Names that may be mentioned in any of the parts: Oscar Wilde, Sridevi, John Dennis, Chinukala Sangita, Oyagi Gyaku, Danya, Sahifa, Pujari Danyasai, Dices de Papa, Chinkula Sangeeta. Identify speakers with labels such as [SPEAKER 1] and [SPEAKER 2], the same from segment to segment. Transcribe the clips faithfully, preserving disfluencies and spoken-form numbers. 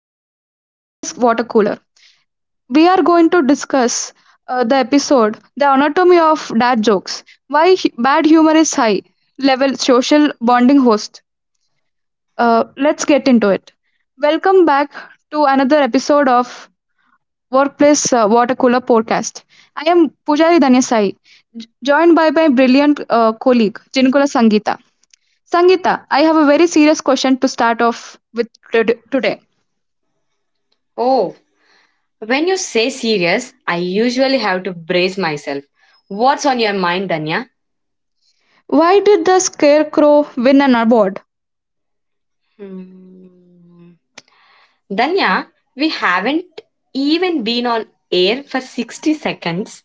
[SPEAKER 1] what workplace water cooler. We are going to discuss uh, the episode, the anatomy of dad jokes, why hu- bad humor is high level social bonding host. Uh, let's get into it. Welcome back to another episode of Workplace uh, Water Cooler Podcast. I am Pujari Danyasai, j- joined by my brilliant uh, colleague Chinkula Sangeeta. Sangeeta, I have a very serious question to start off with tod- today.
[SPEAKER 2] Oh, when you say serious, I usually have to brace myself. What's on your mind, Danya?
[SPEAKER 1] Why did the scarecrow win an award?
[SPEAKER 2] Hmm. Danya, we haven't even been on air for sixty seconds.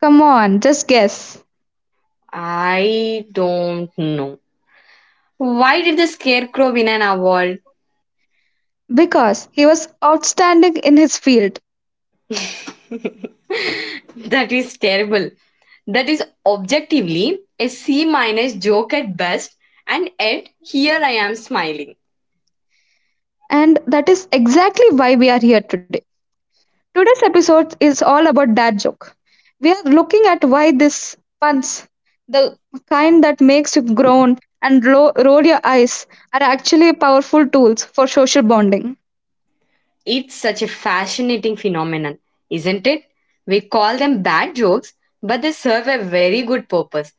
[SPEAKER 1] Come on, just guess.
[SPEAKER 2] I don't know. Why did the scarecrow win an award?
[SPEAKER 1] Because he was outstanding in his field.
[SPEAKER 2] That is terrible. That is objectively a C minus joke at best, and yet here I am smiling.
[SPEAKER 1] And that is exactly why we are here today. Today's episode is all about dad joke. We are looking at why this puns, the kind that makes you groan and lo- roll your eyes, are actually powerful tools for social bonding.
[SPEAKER 2] It's such a fascinating phenomenon, isn't it? We call them bad jokes, but they serve a very good purpose.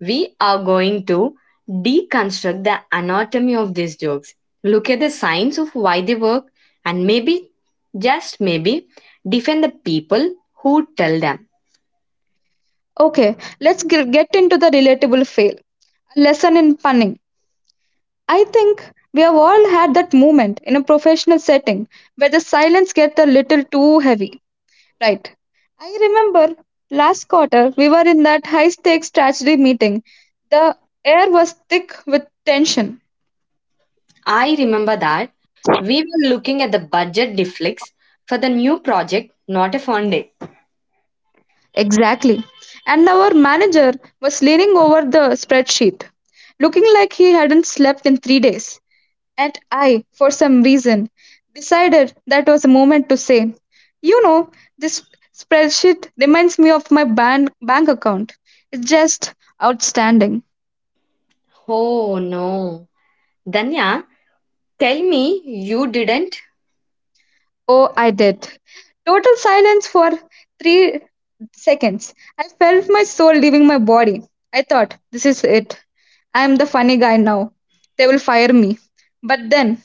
[SPEAKER 2] We are going to deconstruct the anatomy of these jokes, look at the science of why they work, and maybe, just maybe, defend the people who tell them.
[SPEAKER 1] Okay, let's g- get into the relatable fail. A lesson in punning. I think we have all had that moment in a professional setting where the silence gets a little too heavy, right? I remember last quarter we were in that high stakes strategy meeting. The air was thick with tension.
[SPEAKER 2] I remember that we were looking at the budget deflex for the new project, not a fun day.
[SPEAKER 1] Exactly. And our manager was leaning over the spreadsheet, looking like he hadn't slept in three days. And I, for some reason, decided that was a moment to say, "You know, this spreadsheet reminds me of my bank, bank account. It's just outstanding."
[SPEAKER 2] Oh no. Danya, tell me you didn't.
[SPEAKER 1] Oh, I did. Total silence for three seconds. I felt my soul leaving my body. I thought, "This is it. I am the funny guy now. They will fire me." But then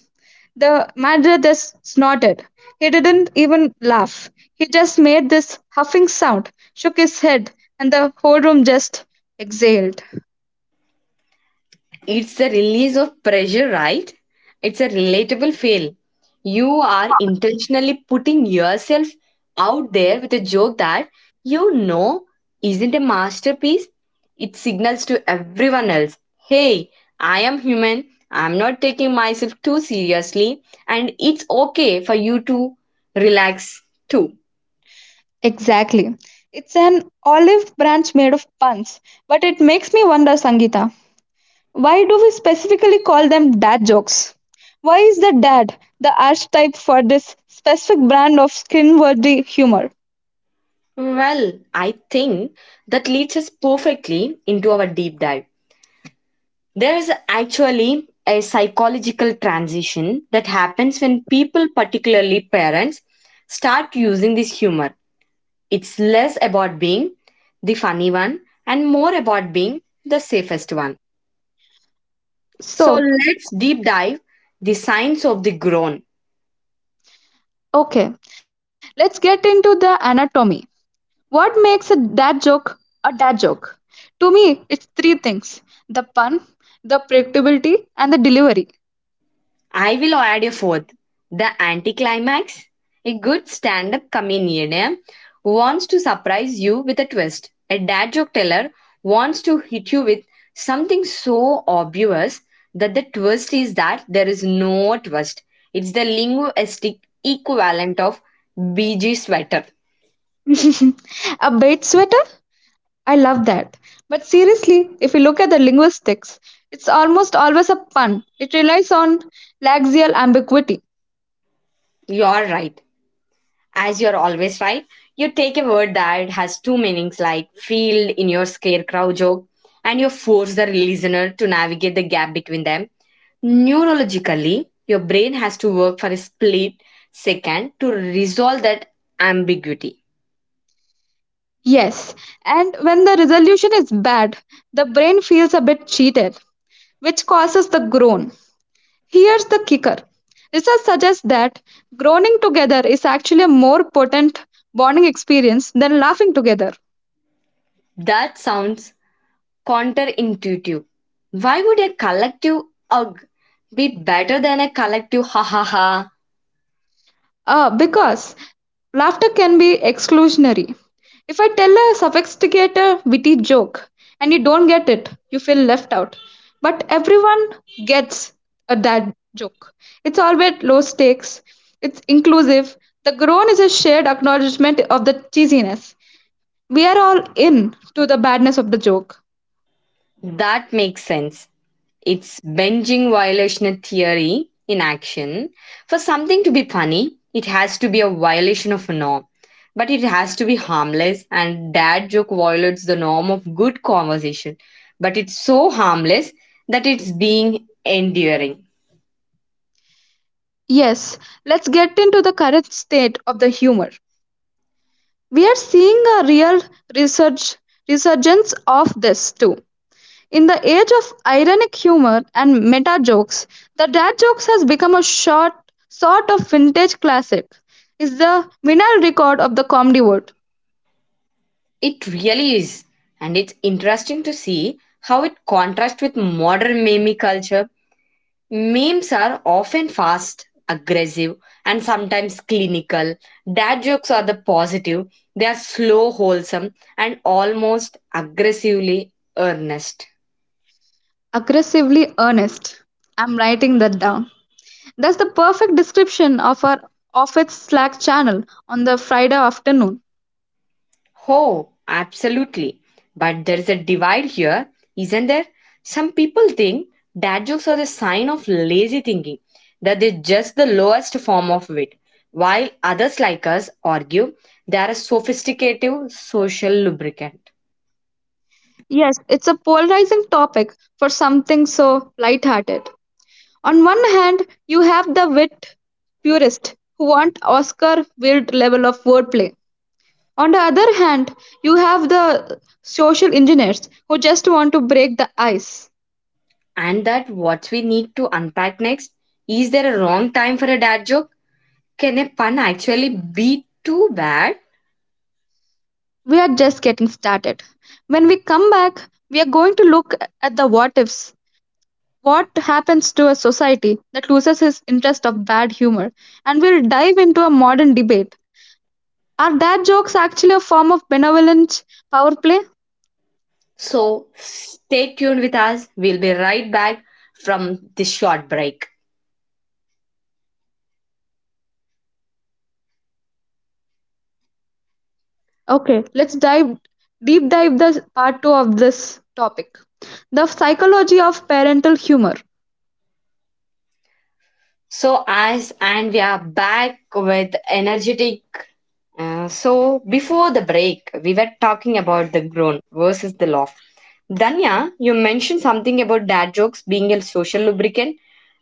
[SPEAKER 1] The Madrethus snorted. He didn't even laugh. He just made this huffing sound, shook his head, and the whole room just exhaled.
[SPEAKER 2] It's the release of pressure, right? It's a relatable fail. You are intentionally putting yourself out there with a joke that you know isn't a masterpiece. It signals to everyone else, hey, I am human, I'm not taking myself too seriously, and it's okay for you to relax too.
[SPEAKER 1] Exactly. It's an olive branch made of puns. But it makes me wonder, Sangeeta, why do we specifically call them dad jokes? Why is the dad the archetype for this specific brand of skin-worthy humor?
[SPEAKER 2] Well, I think that leads us perfectly into our deep dive. There is actually a psychological transition that happens when people, particularly parents, start using this humor. It's less about being the funny one and more about being the safest one. So
[SPEAKER 1] So,
[SPEAKER 2] let's deep dive the science of the groan.
[SPEAKER 1] okay, let's get into the anatomy. What makes a dad joke a dad joke? To me, it's three things: the pun, the predictability, and the delivery.
[SPEAKER 2] I will add a fourth. The anticlimax. A good stand up comedian eh, wants to surprise you with a twist. A dad joke teller wants to hit you with something so obvious that the twist is that there is no twist. It's the linguistic equivalent of B G sweater.
[SPEAKER 1] A bait sweater? I love that. But seriously, if you look at the linguistics, it's almost always a pun. It relies on laxial ambiguity.
[SPEAKER 2] You're right. As you're always right, you take a word that has two meanings, like field in your scarecrow joke, and you force the listener to navigate the gap between them. Neurologically, your brain has to work for a split second to resolve that ambiguity.
[SPEAKER 1] Yes, and when the resolution is bad, the brain feels a bit cheated, which causes the groan. Here's the kicker: research suggests that groaning together is actually a more potent bonding experience than laughing together.
[SPEAKER 2] That sounds counterintuitive. Why would a collective ugh be better than a collective ha ha ha?
[SPEAKER 1] Uh, because laughter can be exclusionary. If I tell a sophisticated, witty joke and you don't get it, you feel left out. But everyone gets a that joke. It's always low stakes, it's inclusive. The groan is a shared acknowledgement of the cheesiness. We are all in to the badness of the joke.
[SPEAKER 2] That makes sense. It's binging violation theory in action. For something to be funny, it has to be a violation of a norm. But it has to be harmless, and dad joke violates the norm of good conversation. But it's so harmless that it's being enduring.
[SPEAKER 1] Yes, let's get into the current state of the humor. We are seeing a real resurg- resurgence of this too. In the age of ironic humor and meta jokes, the dad jokes has become a short sort of vintage classic. Is the vinyl record of the comedy world.
[SPEAKER 2] It really is. And it's interesting to see how it contrasts with modern meme culture. Memes are often fast, aggressive, and sometimes clinical. Dad jokes are the positive. They are slow, wholesome, and almost aggressively earnest.
[SPEAKER 1] Aggressively earnest. I'm writing that down. That's the perfect description of our of its Slack channel on the Friday afternoon.
[SPEAKER 2] Oh, absolutely. But there's a divide here, isn't there? Some people think dad jokes are the sign of lazy thinking, that they're just the lowest form of wit, while others like us argue they are a sophisticated social lubricant.
[SPEAKER 1] Yes, it's a polarizing topic for something so lighthearted. On one hand, you have the wit purists who want Oscar Wilde level of wordplay. On the other hand, you have the social engineers who just want to break the ice.
[SPEAKER 2] And that what we need to unpack next, is there a wrong time for a dad joke? Can a pun actually be too bad?
[SPEAKER 1] We are just getting started. When we come back, we are going to look at the what ifs. What happens to a society that loses its interest of bad humor? And we'll dive into a modern debate: are dad jokes actually a form of benevolent power play?
[SPEAKER 2] So stay tuned with us. We'll be right back from this short break.
[SPEAKER 1] Okay, let's dive deep dive the part two of this topic. The psychology of parental humor.
[SPEAKER 2] So, as and we are back with energetic. Uh, so, before the break, we were talking about the grown versus the loft. Danya, you mentioned something about dad jokes being a social lubricant.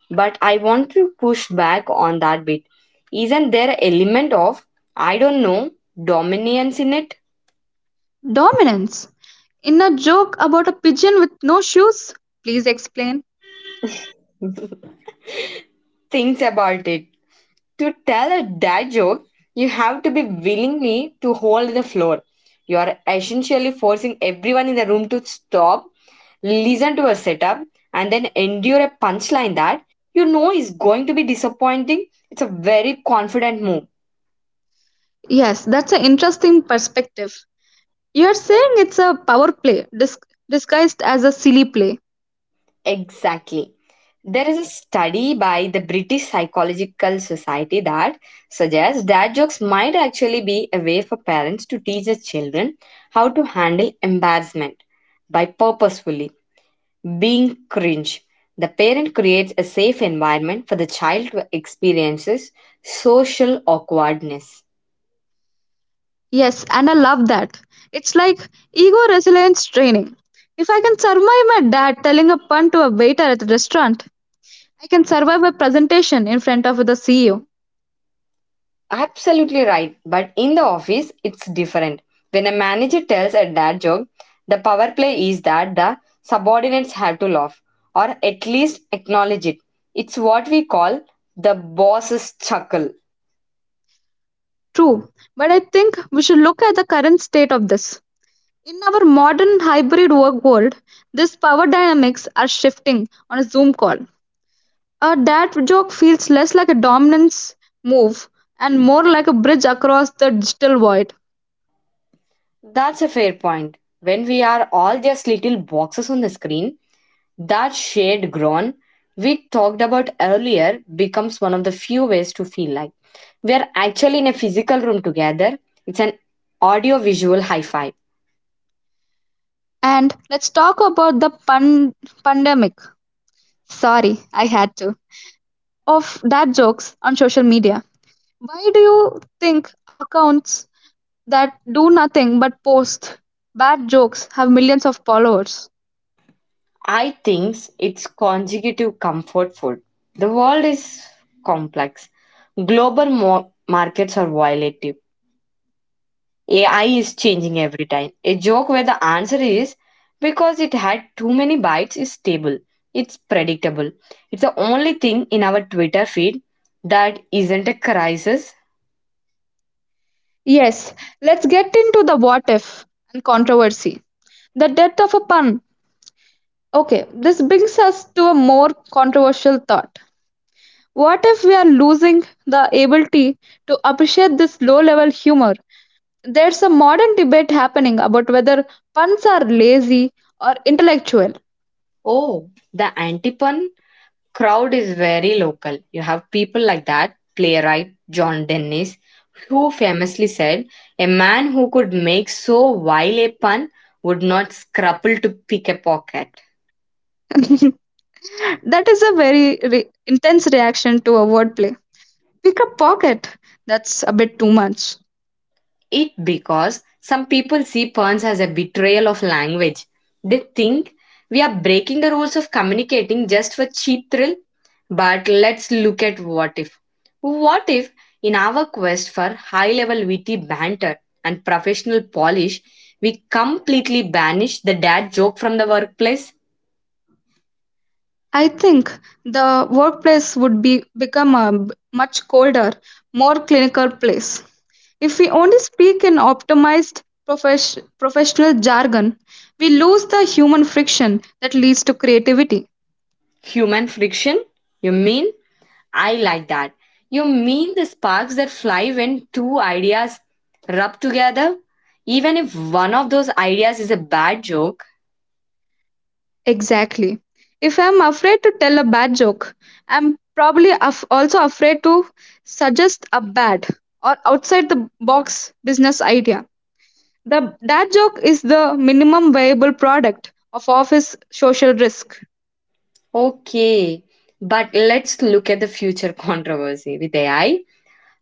[SPEAKER 2] But I want to push back on that bit. Isn't there an element of, I don't know, dominance in it?
[SPEAKER 1] Dominance. In a joke about a pigeon with no shoes? Please explain.
[SPEAKER 2] Thinks about it. To tell a dad joke, you have to be willingly to hold the floor. You are essentially forcing everyone in the room to stop, listen to a setup, and then endure a punchline that you know is going to be disappointing. It's a very confident move.
[SPEAKER 1] Yes, that's an interesting perspective. You're saying it's a power play dis- disguised as a silly play.
[SPEAKER 2] Exactly. There is a study by the British Psychological Society that suggests dad jokes might actually be a way for parents to teach their children how to handle embarrassment by purposefully being cringe. The parent creates a safe environment for the child to experience social awkwardness.
[SPEAKER 1] Yes, and I love that. It's like ego resilience training. If I can survive my dad telling a pun to a waiter at a restaurant, I can survive a presentation in front of the C E O.
[SPEAKER 2] Absolutely right. But in the office, it's different. When a manager tells a dad joke, the power play is that the subordinates have to laugh or at least acknowledge it. It's what we call the boss's chuckle.
[SPEAKER 1] True, but I think we should look at the current state of this. In our modern hybrid work world, these power dynamics are shifting on a Zoom call. A dad joke feels less like a dominance move and more like a bridge across the digital void.
[SPEAKER 2] That's a fair point. When we are all just little boxes on the screen, that shared groan we talked about earlier becomes one of the few ways to feel like we are actually in a physical room together. It's an audio visual hi fi.
[SPEAKER 1] And let's talk about the pun- pandemic. Sorry, I had to. Of that jokes on social media. Why do you think accounts that do nothing but post bad jokes have millions of followers?
[SPEAKER 2] I think it's consecutive comfort food. The world is complex. Global mo- markets are volatile. A I is changing every time. A joke where the answer is because it had too many bites is stable. It's predictable. It's the only thing in our Twitter feed that isn't a crisis.
[SPEAKER 1] Yes, let's get into the what if and controversy. The death of a pun. Okay, this brings us to a more controversial thought. What if we are losing the ability to appreciate this low level humor? There's a modern debate happening about whether puns are lazy or intellectual.
[SPEAKER 2] Oh, the antipun crowd is very local. You have people like that, playwright John Dennis, who famously said, A man who could make so vile a pun would not scruple to pick a pocket.
[SPEAKER 1] That is a very re- intense reaction to a wordplay. Pick a pocket. That's a bit too much.
[SPEAKER 2] It because some people see puns as a betrayal of language. They think we are breaking the rules of communicating just for cheap thrill. But let's look at what if. What if, in our quest for high level witty banter and professional polish, we completely banish the dad joke from the workplace?
[SPEAKER 1] I think the workplace would be become a b- much colder, more clinical place. If we only speak in optimized profes- professional jargon, we lose the human friction that leads to creativity.
[SPEAKER 2] Human friction? You mean? I like that. You mean the sparks that fly when two ideas rub together? Even if one of those ideas is a bad joke?
[SPEAKER 1] Exactly. If I'm afraid to tell a bad joke, I'm probably af- also afraid to suggest a bad or outside the box business idea. The dad joke is the minimum viable product of office social risk.
[SPEAKER 2] Okay, but let's look at the future controversy with A I.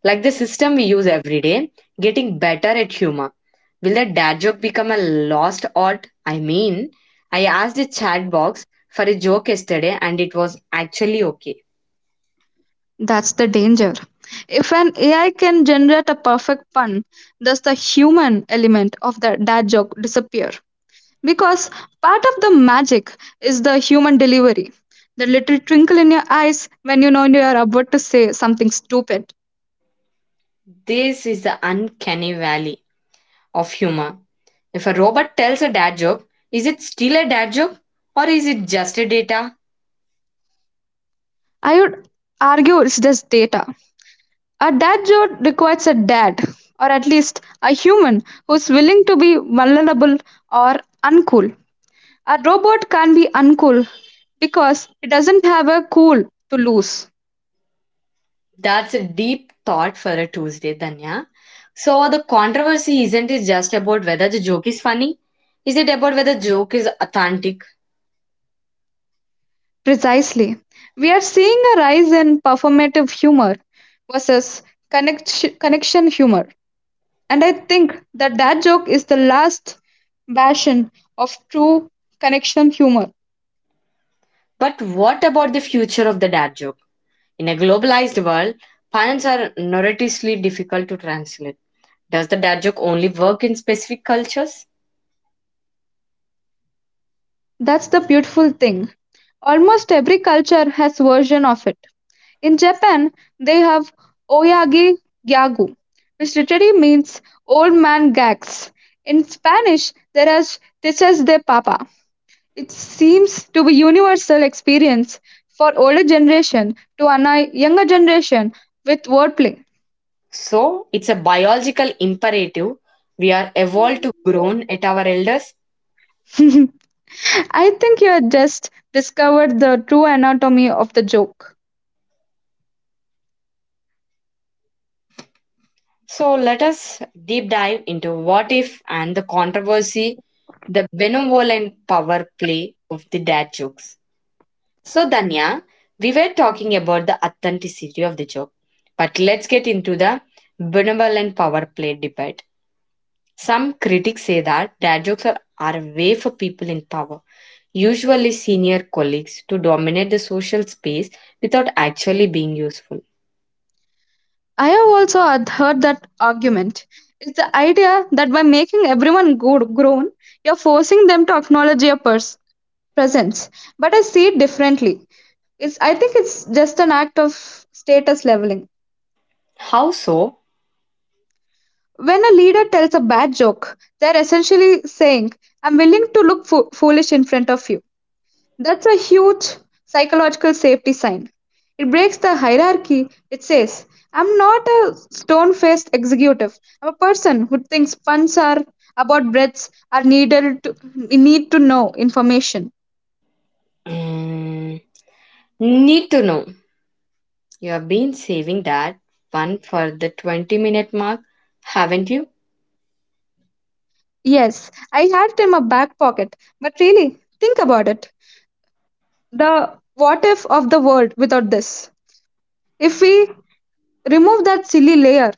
[SPEAKER 2] Like the system we use every day, getting better at humor. Will the dad joke become a lost art? I mean, I asked the chat box for a joke yesterday and it was actually okay.
[SPEAKER 1] That's the danger. If an A I can generate a perfect pun, does the human element of the dad joke disappear? Because part of the magic is the human delivery, the little twinkle in your eyes when you know you are about to say something stupid.
[SPEAKER 2] This is the uncanny valley of humor. If a robot tells a dad joke, is it still a dad joke or is it just a data?
[SPEAKER 1] I would argue it's just data. A dad joke requires a dad, or at least a human who's willing to be vulnerable or uncool. A robot can't be uncool because it doesn't have a cool to lose.
[SPEAKER 2] That's a deep thought for a Tuesday, Danya. So the controversy isn't it just about whether the joke is funny? Is it about whether the joke is authentic?
[SPEAKER 1] Precisely. We are seeing a rise in performative humor versus connect- connection humor. And I think that that joke is the last bastion of true connection humor.
[SPEAKER 2] But what about the future of the dad joke? In a globalized world, puns are notoriously difficult to translate. Does the dad joke only work in specific cultures?
[SPEAKER 1] That's the beautiful thing. Almost every culture has version of it. In Japan, they have Oyagi Gyagu, which literally means old man gags. In Spanish, there is Dices de Papa. It seems to be universal experience for older generation to annoy younger generation with wordplay.
[SPEAKER 2] So it's a biological imperative. We are evolved to groan at our elders.
[SPEAKER 1] I think you have just discovered the true anatomy of the joke.
[SPEAKER 2] So let us deep dive into what if and the controversy, the benevolent power play of the dad jokes. So Danya, we were talking about the authenticity of the joke, but let's get into the benevolent power play debate. Some critics say that dad jokes are, are a way for people in power, usually senior colleagues, to dominate the social space without actually being useful.
[SPEAKER 1] I have also had heard that argument. It's the idea that by making everyone good, grown, you're forcing them to acknowledge your pers- presence. But I see it differently. It's, I think it's just an act of status leveling.
[SPEAKER 2] How so?
[SPEAKER 1] When a leader tells a bad joke, they're essentially saying, "I'm willing to look fo- foolish in front of you." That's a huge psychological safety sign. It breaks the hierarchy. It says, "I'm not a stone faced executive. I'm a person who thinks funds are about breaths are needed to need to know information."
[SPEAKER 2] Mm, need to know. You have been saving that one for the twenty minute mark, haven't you?
[SPEAKER 1] Yes, I had it in my back pocket, but really, think about it. The what if of the world without this. If we remove that silly layer.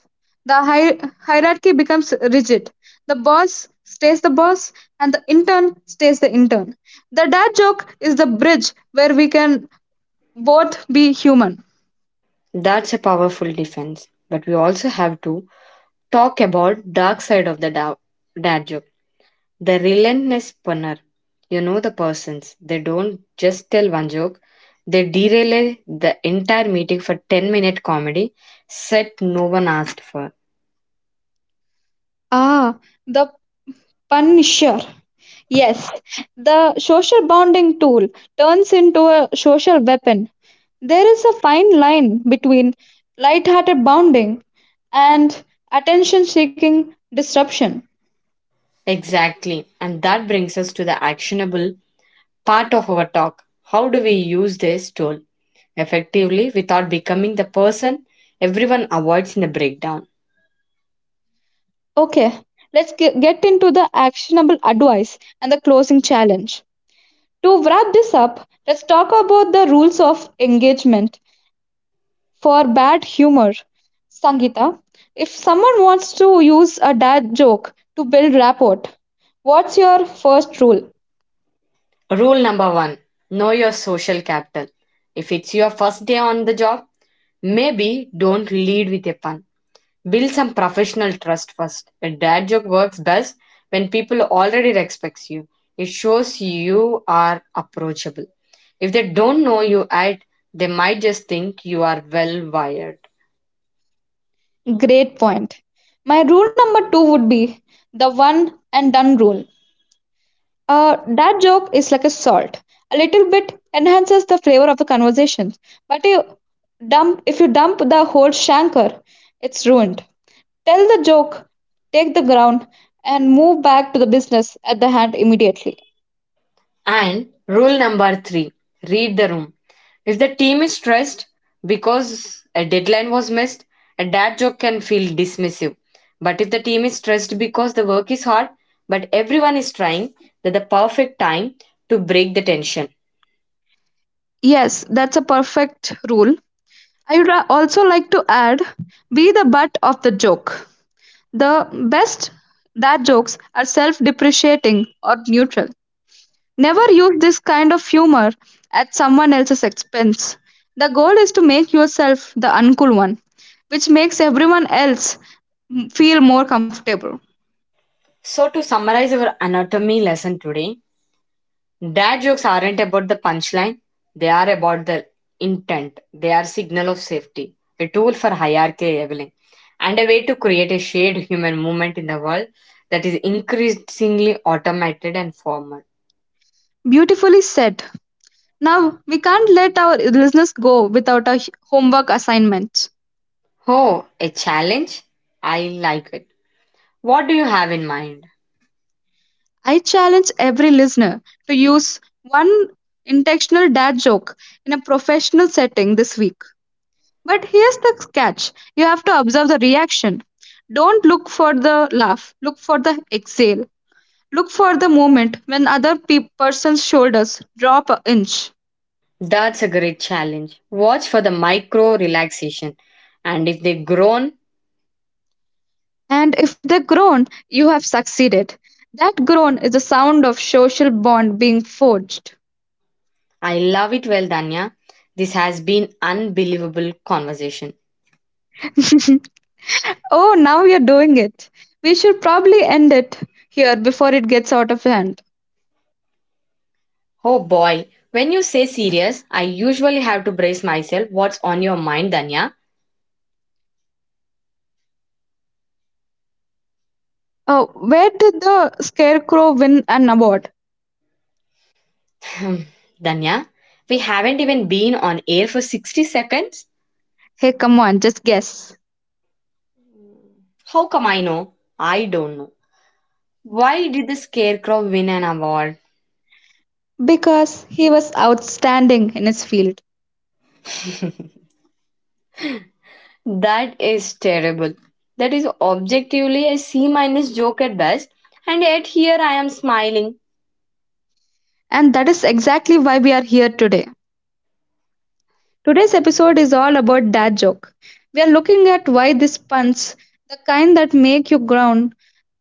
[SPEAKER 1] The hier- hierarchy becomes rigid. The boss stays the boss, and the intern stays the intern. The dad joke is the bridge where we can both be human.
[SPEAKER 2] That's a powerful defense. But we also have to talk about dark side of the da- dad joke. The relentless punner, you know the persons. They don't just tell one joke, they derail the entire meeting for ten minute comedy set no one asked for.
[SPEAKER 1] Ah, the punisher. Yes, the social bonding tool turns into a social weapon. There is a fine line between light-hearted bonding and attention-seeking disruption.
[SPEAKER 2] Exactly. And that brings us to the actionable part of our talk. How do we use this tool effectively without becoming the person everyone avoids in the breakdown?
[SPEAKER 1] Okay, let's ge- get into the actionable advice and the closing challenge. To wrap this up, let's talk about the rules of engagement for bad humor. Sangeeta, if someone wants to use a dad joke to build rapport, what's your first rule?
[SPEAKER 2] Rule number one, know your social capital. If it's your first day on the job, maybe don't lead with a pun. Build some professional trust first. A dad joke works best when people already respects you. It shows you are approachable. If they don't know you at, they might just think you are well wired.
[SPEAKER 1] Great point. My rule number two would be the one and done rule. Uh, that joke is like a salt. A little bit enhances the flavor of the conversation. But you dump if you dump the whole shanker, it's ruined. Tell the joke, take the ground, and move back to the business at the hand immediately.
[SPEAKER 2] And rule number three, read the room. If the team is stressed because a deadline was missed, a dad joke can feel dismissive. But if the team is stressed because the work is hard, but everyone is trying, that the perfect time to break the tension.
[SPEAKER 1] Yes, that's a perfect rule. I would ra- also like to add be the butt of the joke. The best that jokes are self depreciating or neutral. Never use this kind of humor at someone else's expense. The goal is to make yourself the uncool one, which makes everyone else m- feel more comfortable.
[SPEAKER 2] So, to summarize our anatomy lesson today, dad jokes aren't about the punchline, they are about the intent. They are signal of safety, a tool for hierarchy leveling, and a way to create a shared human movement in the world that is increasingly automated and formal.
[SPEAKER 1] Beautifully said. Now, we can't let our listeners go without a h- homework assignment.
[SPEAKER 2] Oh, a challenge? I like it. What do you have in mind?
[SPEAKER 1] I challenge every listener to use one intentional dad joke in a professional setting this week. But here's the catch: you have to observe the reaction. Don't look for the laugh, look for the exhale. Look for the moment when other pe- person's shoulders drop an inch.
[SPEAKER 2] That's a great challenge. Watch for the micro relaxation. And if they groan,
[SPEAKER 1] And if they groan, you have succeeded. That groan is the sound of social bond being forged.
[SPEAKER 2] I love it. Well, Danya, this has been unbelievable conversation.
[SPEAKER 1] Oh, now you're doing it. We should probably end it here before it gets out of hand.
[SPEAKER 2] Oh boy, when you say serious, I usually have to brace myself. What's on your mind, Danya?
[SPEAKER 1] Oh, where did the scarecrow win an award?
[SPEAKER 2] Hmm, Danya, we haven't even been on air for sixty seconds.
[SPEAKER 1] Hey, come on, just guess.
[SPEAKER 2] How come I know? I don't know. Why did the scarecrow win an award?
[SPEAKER 1] Because he was outstanding in his field.
[SPEAKER 2] That is terrible. That is objectively a C minus joke at best, and yet here I am smiling.
[SPEAKER 1] And that is exactly why we are here today. Today's episode is all about dad joke. We are looking at why these puns, the kind that make you ground,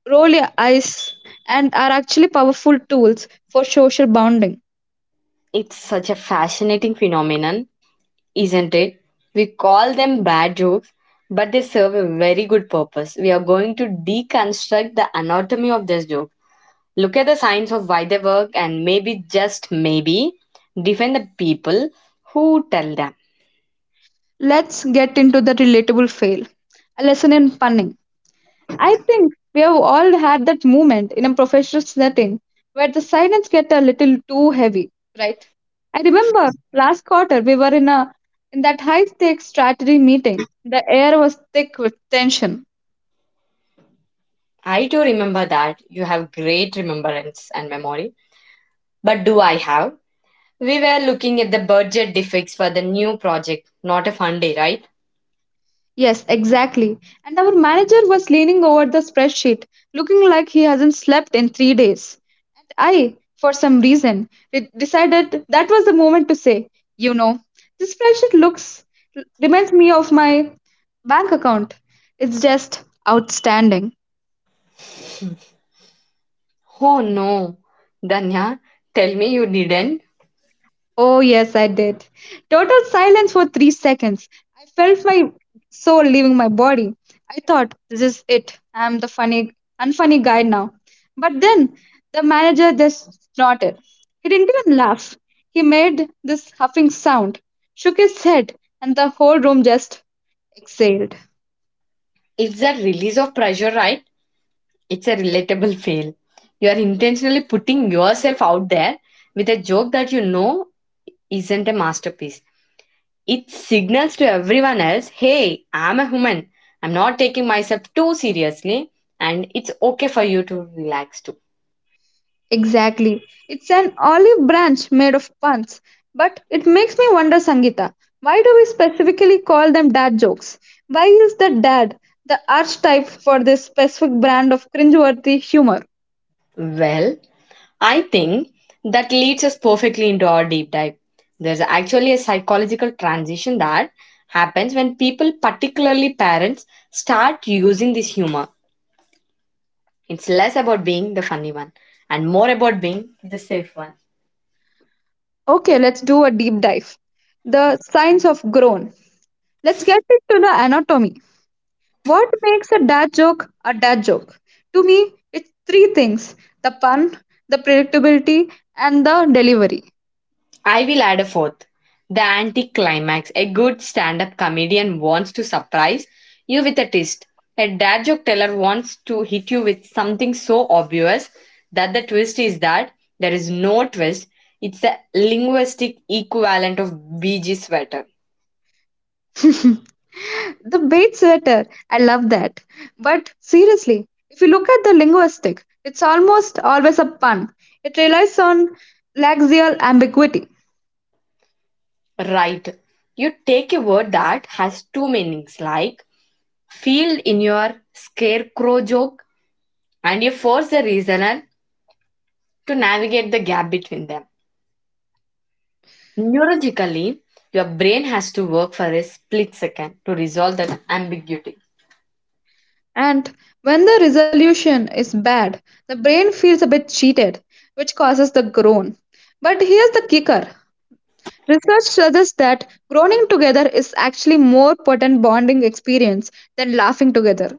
[SPEAKER 1] roll your eyes, and are actually powerful tools for social bonding.
[SPEAKER 2] It's such a fascinating phenomenon, isn't it? We call them bad jokes, but they serve a very good purpose. We are going to deconstruct the anatomy of this joke, look at the science of why they work, and maybe, just maybe, defend the people who tell them.
[SPEAKER 1] Let's get into the relatable fail, a lesson in punning. I think we have all had that moment in a professional setting where the silence get a little too heavy, right? I remember last quarter we were in a in that high stakes strategy meeting. The air was thick with tension.
[SPEAKER 2] I too remember that you have great remembrance and memory, but do I have? We were looking at the budget defects for the new project, not a fun day, right?
[SPEAKER 1] Yes, exactly. And our manager was leaning over the spreadsheet, looking like he hasn't slept in three days. And I, for some reason, re- decided that was the moment to say, you know, this spreadsheet looks reminds me of my bank account. It's just outstanding.
[SPEAKER 2] Oh no, Danya, tell me you didn't.
[SPEAKER 1] Oh, yes, I did. Total silence for three seconds. I felt my soul leaving my body. I thought, this is it. I'm the funny, unfunny guy now. But then the manager just snorted. He didn't even laugh. He made this huffing sound, shook his head, and the whole room just exhaled.
[SPEAKER 2] It's a release of pressure, right? It's a relatable fail. You are intentionally putting yourself out there with a joke that you know isn't a masterpiece. It signals to everyone else, hey, I'm a human. I'm not taking myself too seriously, and it's okay for you to relax too.
[SPEAKER 1] Exactly. It's an olive branch made of puns. But it makes me wonder, Sangita. Why do we specifically call them dad jokes? Why is the dad the archetype for this specific brand of cringeworthy humor?
[SPEAKER 2] Well, I think that leads us perfectly into our deep dive. There's actually a psychological transition that happens when people, particularly parents, start using this humor. It's less about being the funny one and more about being the safe one.
[SPEAKER 1] Okay, let's do a deep dive. The science of groan. Let's get into the anatomy. What makes a dad joke a dad joke? To me, it's three things: the pun, the predictability, and the delivery.
[SPEAKER 2] I will add a fourth. The anticlimax. A good stand up comedian wants to surprise you with a twist. A dad joke teller wants to hit you with something so obvious that the twist is that there is no twist. It's the linguistic equivalent of B G sweater.
[SPEAKER 1] The bait sweater, I love that. But seriously, if you look at the linguistic, it's almost always a pun. It relies on laxial ambiguity.
[SPEAKER 2] Right. You take a word that has two meanings, like field in your scarecrow joke, and you force the reasoner to navigate the gap between them. Neurologically, your brain has to work for a split second to resolve that ambiguity.
[SPEAKER 1] And when the resolution is bad, the brain feels a bit cheated, which causes the groan. But here's the kicker. Research suggests that groaning together is actually more potent bonding experience than laughing together.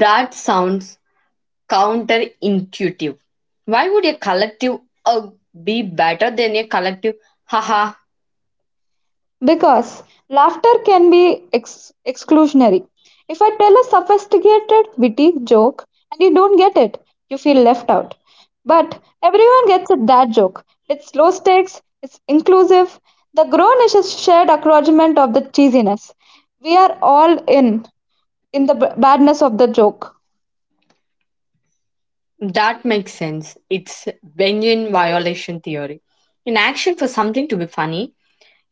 [SPEAKER 2] That sounds counterintuitive. Why would a collective uh, be better than a collective haha?
[SPEAKER 1] Because laughter can be ex- exclusionary. If I tell a sophisticated, witty joke and you don't get it, you feel left out. But everyone gets it, that joke. It's low stakes, it's inclusive. The grown-ish is a shared acknowledgement of the cheesiness. We are all in, in the b- badness of the joke.
[SPEAKER 2] That makes sense. It's Benjamin violation theory in action. For something to be funny,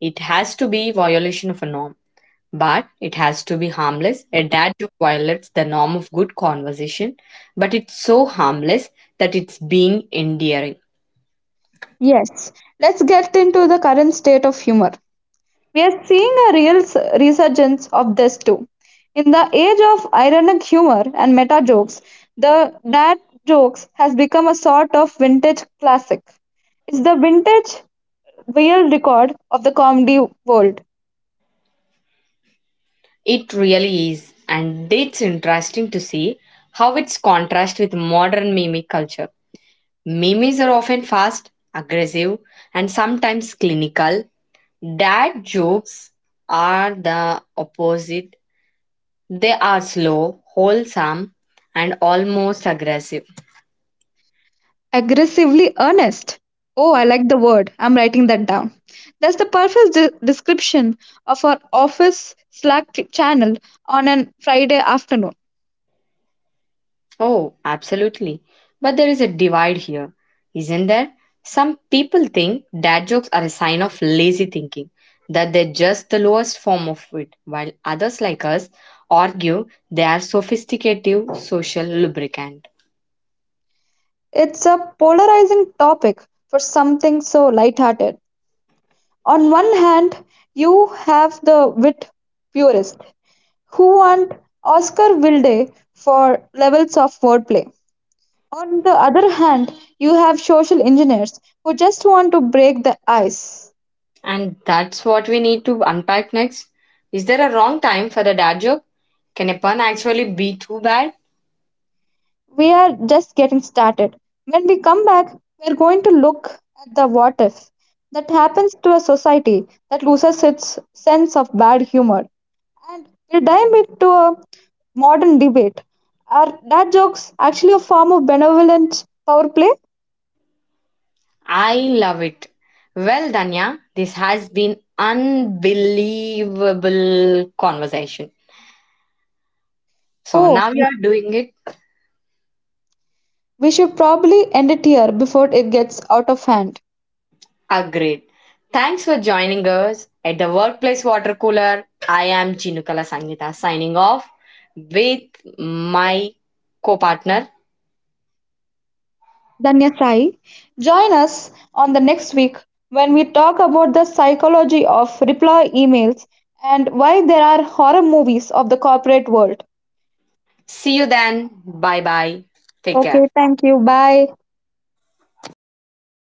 [SPEAKER 2] it has to be violation of a norm. But it has to be harmless. A dad joke violates the norm of good conversation, but it's so harmless that it's has endearing.
[SPEAKER 1] Yes, let's get into the current state of humor. We are seeing a real s- resurgence of this too. In the age of ironic humor and meta jokes, the dad jokes has become a sort of vintage classic. It's the vintage real record of the comedy world.
[SPEAKER 2] It really is, and it's interesting to see how it's contrast with modern meme culture. Memes are often fast, aggressive, and sometimes clinical. Dad jokes are the opposite. They are slow, wholesome, and almost aggressive.
[SPEAKER 1] Aggressively earnest. Oh, I like the word. I'm writing that down. That's the perfect de- description of our office Slack ch- channel on a Friday afternoon.
[SPEAKER 2] Oh, absolutely. But there is a divide here, isn't there? Some people think dad jokes are a sign of lazy thinking, that they're just the lowest form of wit, while others like us argue they are sophisticated social lubricant.
[SPEAKER 1] It's a polarizing topic for something so lighthearted. On one hand, you have the wit purists who want Oscar Wilde for levels of wordplay. On the other hand, you have social engineers who just want to break the ice.
[SPEAKER 2] And that's what we need to unpack next. Is there a wrong time for a dad joke? Can a pun actually be too bad?
[SPEAKER 1] We are just getting started. When we come back, we are going to look at the what if that happens to a society that loses its sense of bad humor. And we dive into a modern debate. Are dad jokes actually a form of benevolent power play?
[SPEAKER 2] I love it. Well, Danya, this has been unbelievable conversation. So
[SPEAKER 1] Oh,
[SPEAKER 2] now you are doing it.
[SPEAKER 1] we should probably end it here before it gets out of hand.
[SPEAKER 2] Ah, great. Thanks for joining us at the Workplace Water Cooler. I am Chinukala Sangita signing off with my co partner.
[SPEAKER 1] Danya Sai, join us on the next week when we talk about the psychology of reply emails and why there are horror movies of the corporate world.
[SPEAKER 2] See you then. Bye bye. Take care.
[SPEAKER 1] Okay, thank you. Bye.